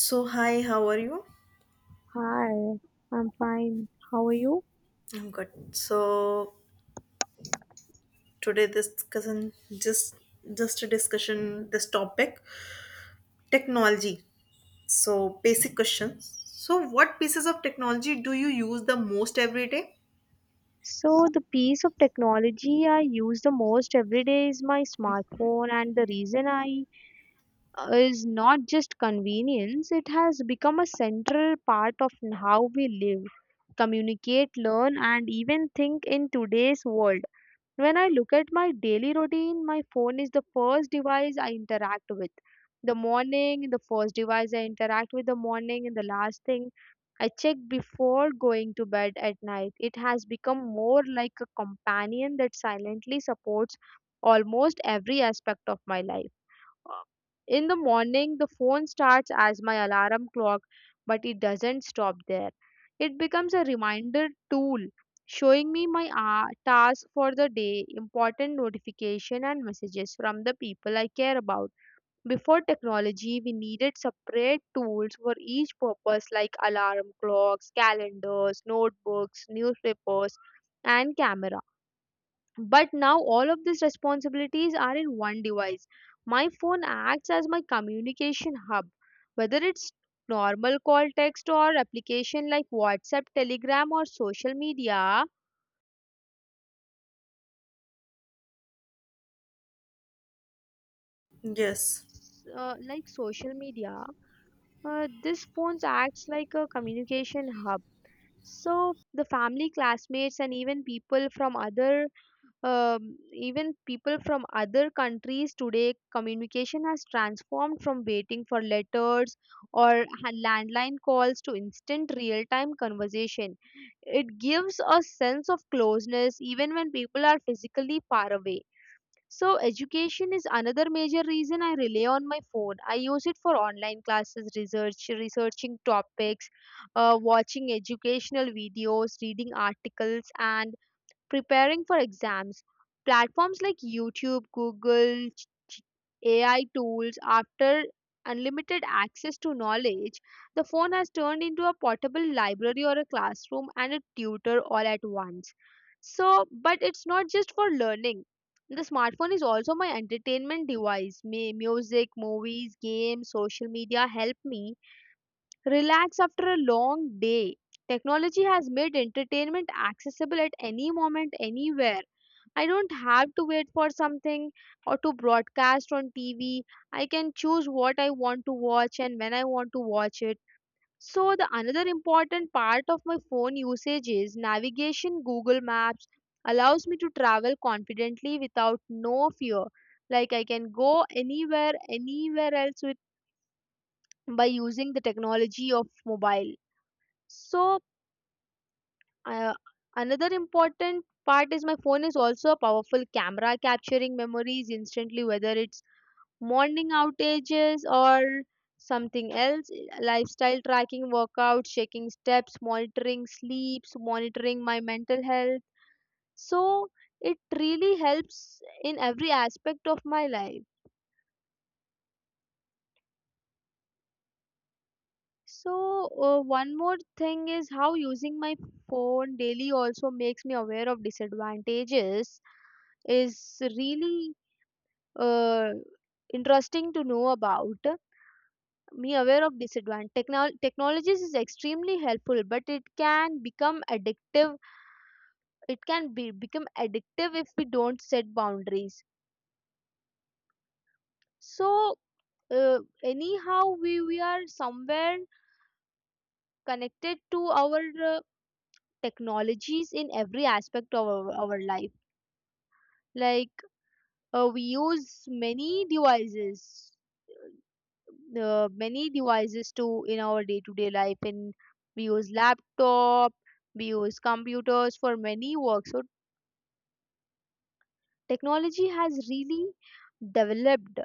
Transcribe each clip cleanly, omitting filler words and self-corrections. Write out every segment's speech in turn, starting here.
So hi, how are you? Hi, I'm fine. How are you? I'm good. So today this discussion just a discussion this topic technology. So basic questions. So what pieces of technology do you use the most every day? So, the piece of technology I use the most every day is my smartphone, and the reason I is not just convenience, it has become a central part of how we live, communicate, learn, and even think in today's world. When I look at my daily routine, my phone is the first device I interact with. The morning, the first device I interact with the morning, and the last thing I check before going to bed at night. It has become more like a companion that silently supports almost every aspect of my life. In the morning, the phone starts as my alarm clock, but it doesn't stop there. It becomes a reminder tool showing me my task for the day, important notification and messages from the people I care about. Before technology, we needed separate tools for each purpose like alarm clocks, calendars, notebooks, newspapers, and camera. But now all of these responsibilities are in one device. My phone acts as my communication hub, whether it's normal call text or application like WhatsApp, Telegram, or social media. Yes. Like social media, this phone acts like a communication hub. So the family, classmates, and even people from other countries today, communication has transformed from waiting for letters or landline calls to instant real-time conversation. It gives a sense of closeness even when people are physically far away. So, education is another major reason I rely on my phone. I use it for online classes, researching topics, watching educational videos, reading articles, and preparing for exams. Platforms like YouTube, Google, AI tools, after unlimited access to knowledge, the phone has turned into a portable library or a classroom and a tutor all at once. So, but it's not just for learning. The smartphone is also my entertainment device. May music, movies, games, social media help me relax after a long day. Technology has made entertainment accessible at any moment, anywhere. I don't have to wait for something or to broadcast on TV. I can choose what I want to watch and when I want to watch it. So the another important part of my phone usage is navigation. Google Maps allows me to travel confidently without no fear. Like I can go anywhere else with by using the technology of mobile. So, uh, another important part is my phone is also a powerful camera capturing memories instantly, whether it's morning outages or something else, lifestyle tracking, workouts, checking steps, monitoring sleeps, monitoring my mental health. So, it really helps in every aspect of my life. So, one more thing is how using my phone daily also makes me aware of disadvantages is really uh, interesting to know about. Me aware of disadvantage. Technologies is extremely helpful, but it can become addictive. It can be become addictive if we don't set boundaries. So, uh, anyhow, we are somewhere connected to our technologies in every aspect of our life, like we use many devices to in our day to day life, and we use laptop we use computers for many work. So technology has really developed.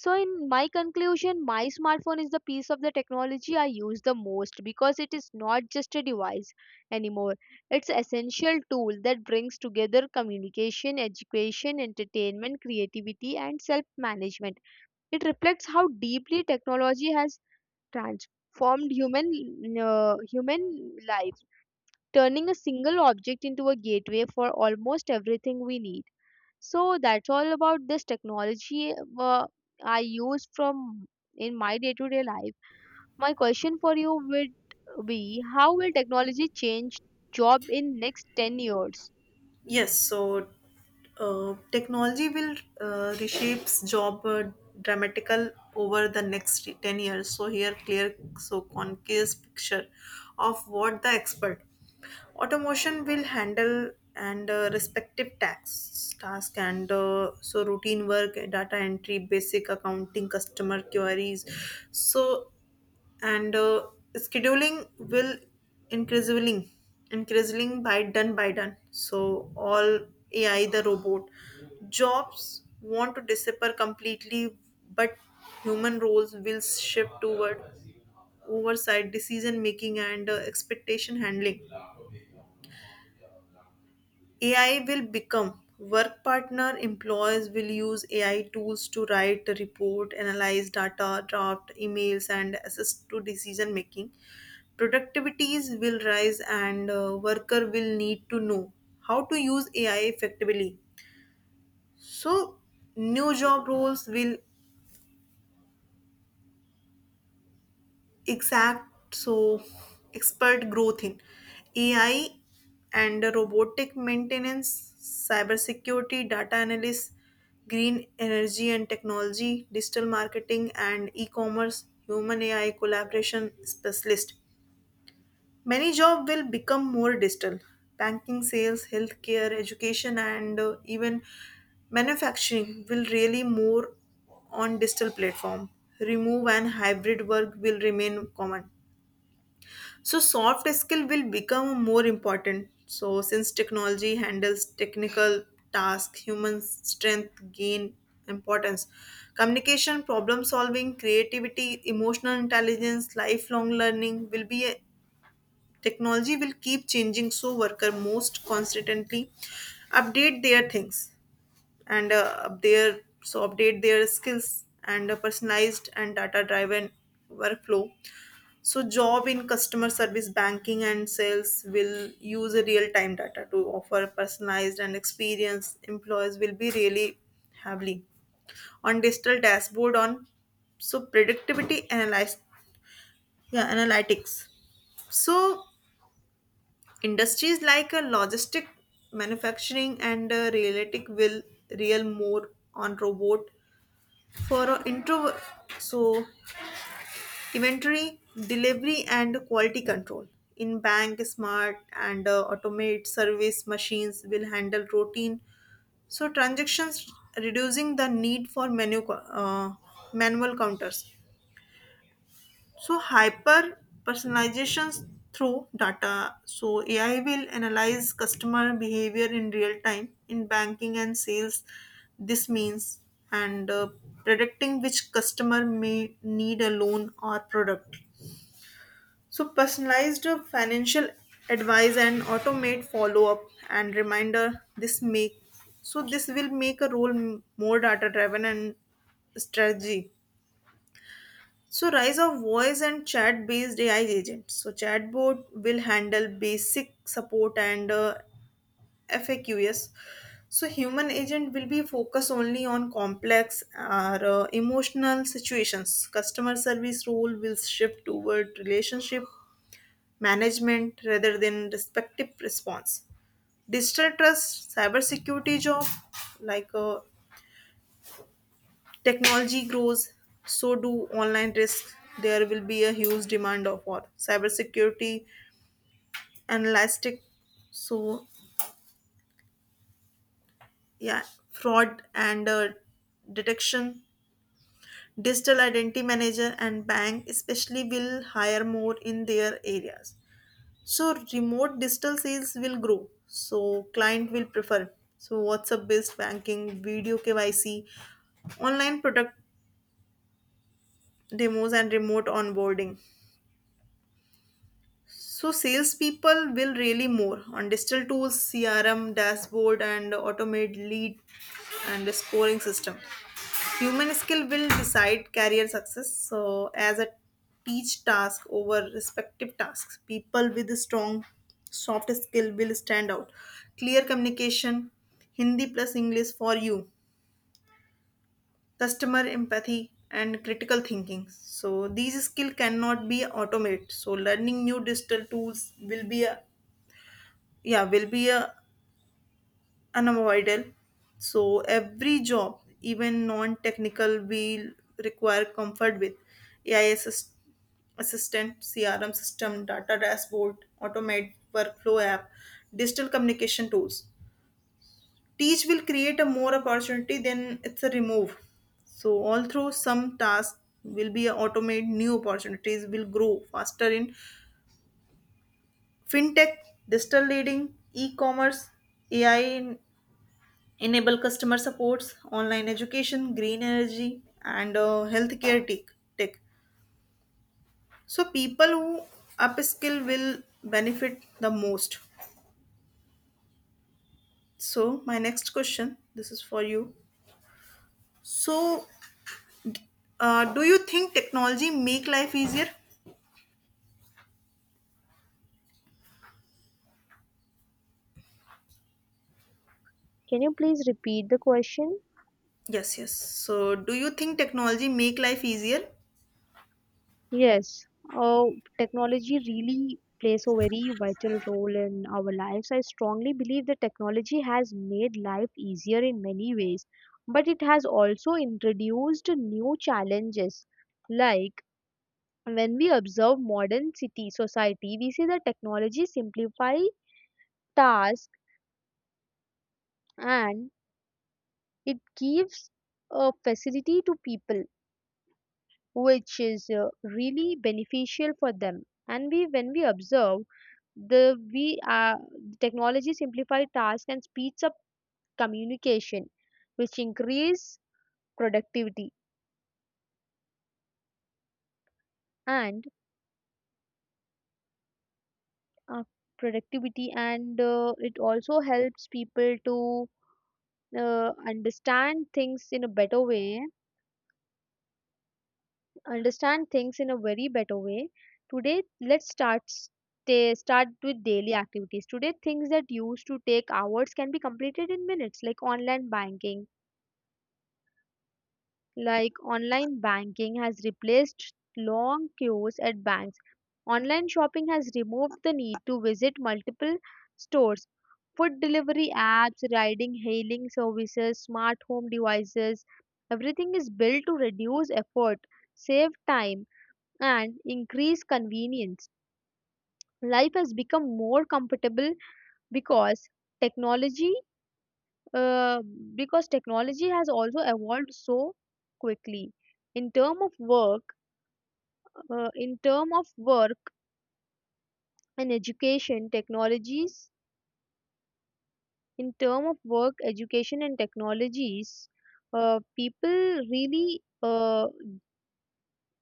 So, in my conclusion, my smartphone is the piece of the technology I use the most because it is not just a device anymore. It's an essential tool that brings together communication, education, entertainment, creativity, and self management. It reflects how deeply technology has transformed human life, turning a single object into a gateway for almost everything we need. So that's all about this technology uh, I use from in my day-to-day life. My question for you would be, how will technology change job in next 10 years? Yes. So technology will reshapes job dramatical over the next 10 years, so here clear so concise picture of what the expert. Automation will handle and respective tax task and so routine work, data entry, basic accounting, customer queries. So and scheduling will increasingly increasingly by done by done. So all AI the robot jobs want to disappear completely, but human roles will shift toward oversight, decision making, and expectation handling. AI will become work partner. Employers will use AI tools to write, a report, analyze data, draft emails, and assist to decision making. Productivities will rise, and worker will need to know how to use AI effectively. So, new job roles will exact so expert growth in ai and robotic maintenance, cybersecurity, data analysis, green energy and technology, digital marketing and e-commerce, human ai collaboration specialist. Many jobs will become more digital: banking, sales, healthcare, education, and even manufacturing will really more on digital platform. Remove and hybrid work will remain common, so soft skill will become more important. So since technology handles technical tasks, human strength gain importance. Communication, problem solving, creativity, emotional intelligence, lifelong learning will be a technology will keep changing so worker most constantly update their things and up their so update their skills and a personalized and data driven workflow. So job in customer service, banking and sales will use a real time data to offer personalized and experience employees will be really heavily on digital dashboard on so productivity analyze, yeah, analytics. So industries like a logistic, manufacturing, and realistic will real more on robot for introvert, so inventory delivery and quality control. In bank, smart and automate service machines will handle routine so transactions, reducing the need for uh, manual counters. So hyper personalizations through data so ai will analyze customer behavior in real time in banking and sales. This means and predicting which customer may need a loan or product, so personalized financial advice and automate follow up and reminder. This make so this will make a role more data driven and strategy. So rise of voice and chat based AI agents. So chatbot will handle basic support and FAQs. So human agent will be focused only on complex or emotional situations. Customer service role will shift toward relationship management rather than respective response. Digital trust, cybersecurity job, like technology grows, so do online risk. There will be a huge demand of for cybersecurity, analytic, so yeah, fraud and detection. Digital identity manager and bank especially will hire more in their areas. So remote digital sales will grow. So client will prefer. So WhatsApp based banking, video KYC, online product demos and remote onboarding. So salespeople will really more on digital tools, CRM, dashboard and automate lead and scoring system. Human skill will decide career success. So, as a teach task over respective tasks, people with a strong soft skill will stand out. Clear communication, Hindi plus English for you, customer empathy, and critical thinking. So, these skill cannot be automated. So, learning new digital tools will be a yeah will be a unavoidable. So every job, even non-technical, will require comfort with AI assist- assistant, CRM system, data dashboard, automate workflow app, digital communication tools. Teach will create a more opportunity than it's a remove. So although some tasks will be automated, new opportunities will grow faster in fintech, digital leading, e-commerce, AI enable customer supports, online education, green energy, and healthcare tech. So people who upskill will benefit the most. So my next question, this is for you. So, do you think technology make life easier? Can you please repeat the question? Yes, yes. So, do you think technology make life easier? Yes, uh, technology really plays a very vital role in our lives. I strongly believe that technology has made life easier in many ways, but it has also introduced new challenges. Like when we observe modern city society, we see that technology simplifies tasks and it gives a facility to people, which is really beneficial for them. And we, when we observe. The we uh, the technology simplifies tasks and speeds up communication, which increase productivity and uh, productivity, and it also helps people to understand things in a better way. Understand things in a very better way. Today, let's start with daily activities. Today, things that used to take hours can be completed in minutes, like online banking has replaced long queues at banks. Online shopping has removed the need to visit multiple stores. Food delivery apps, riding hailing services, smart home devices, everything is built to reduce effort, save time, and increase convenience. Life has become more comfortable because technology uh, because technology has also evolved so quickly in term of work, uh, in term of work and education technologies, in term of work education and technologies people really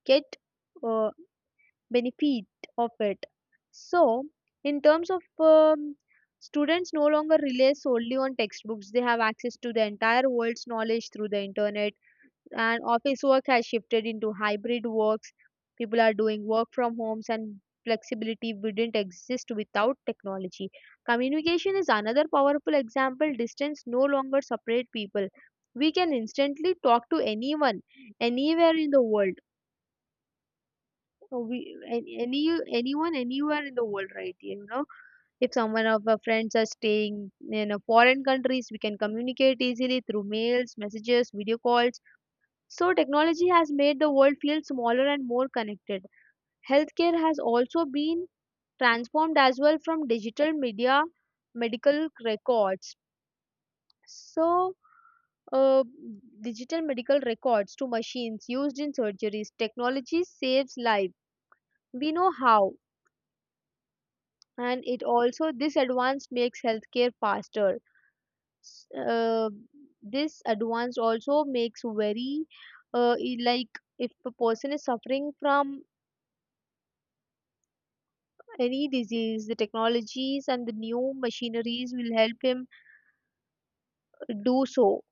get uh, benefit of it. So, in terms of, students no longer rely solely on textbooks. They have access to the entire world's knowledge through the internet, and office work has shifted into hybrid works. People are doing work from homes, and flexibility wouldn't exist without technology. Communication is another powerful example. Distance no longer separate people. We can instantly talk to anyone anywhere in the world. We, an- any anyone anywhere in the world, right. If someone of our friends are staying in a foreign countries, we can communicate easily through mails, messages, video calls. So, technology has made the world feel smaller and more connected. Healthcare has also been transformed as well from digital medical records. So, uh, digital medical records to machines used in surgeries. Technology saves life. We know how, and it also this advance makes healthcare faster. S- Uh, this advance also makes very like if a person is suffering from any disease, the technologies and the new machineries will help him do so.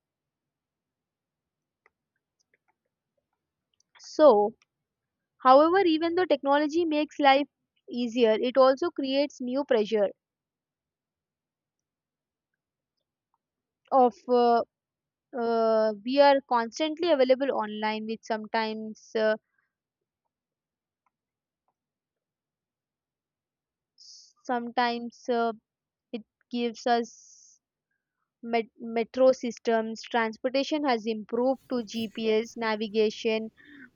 So, however, even though technology makes life easier, it also creates new pressure of we are constantly available online, which sometimes it gives us metro systems. Transportation has improved to GPS navigation,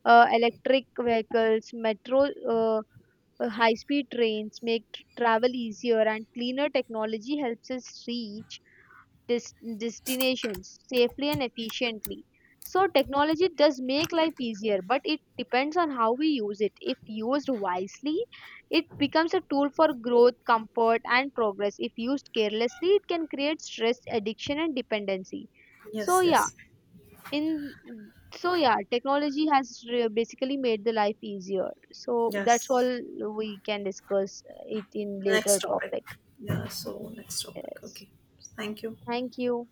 electric vehicles, metro. High-speed trains make travel easier and cleaner. Technology helps us reach destinations safely and efficiently. So technology does make life easier, but it depends on how we use it. If used wisely, it becomes a tool for growth, comfort, and progress. If used carelessly, it can create stress, addiction, and dependency. Yes, So yeah, yes, in technology has basically made the life easier, so that's yes. all. We can discuss it in Next later topic. topic. Yeah. So next topic. Yes, Okay. Thank you. thank you.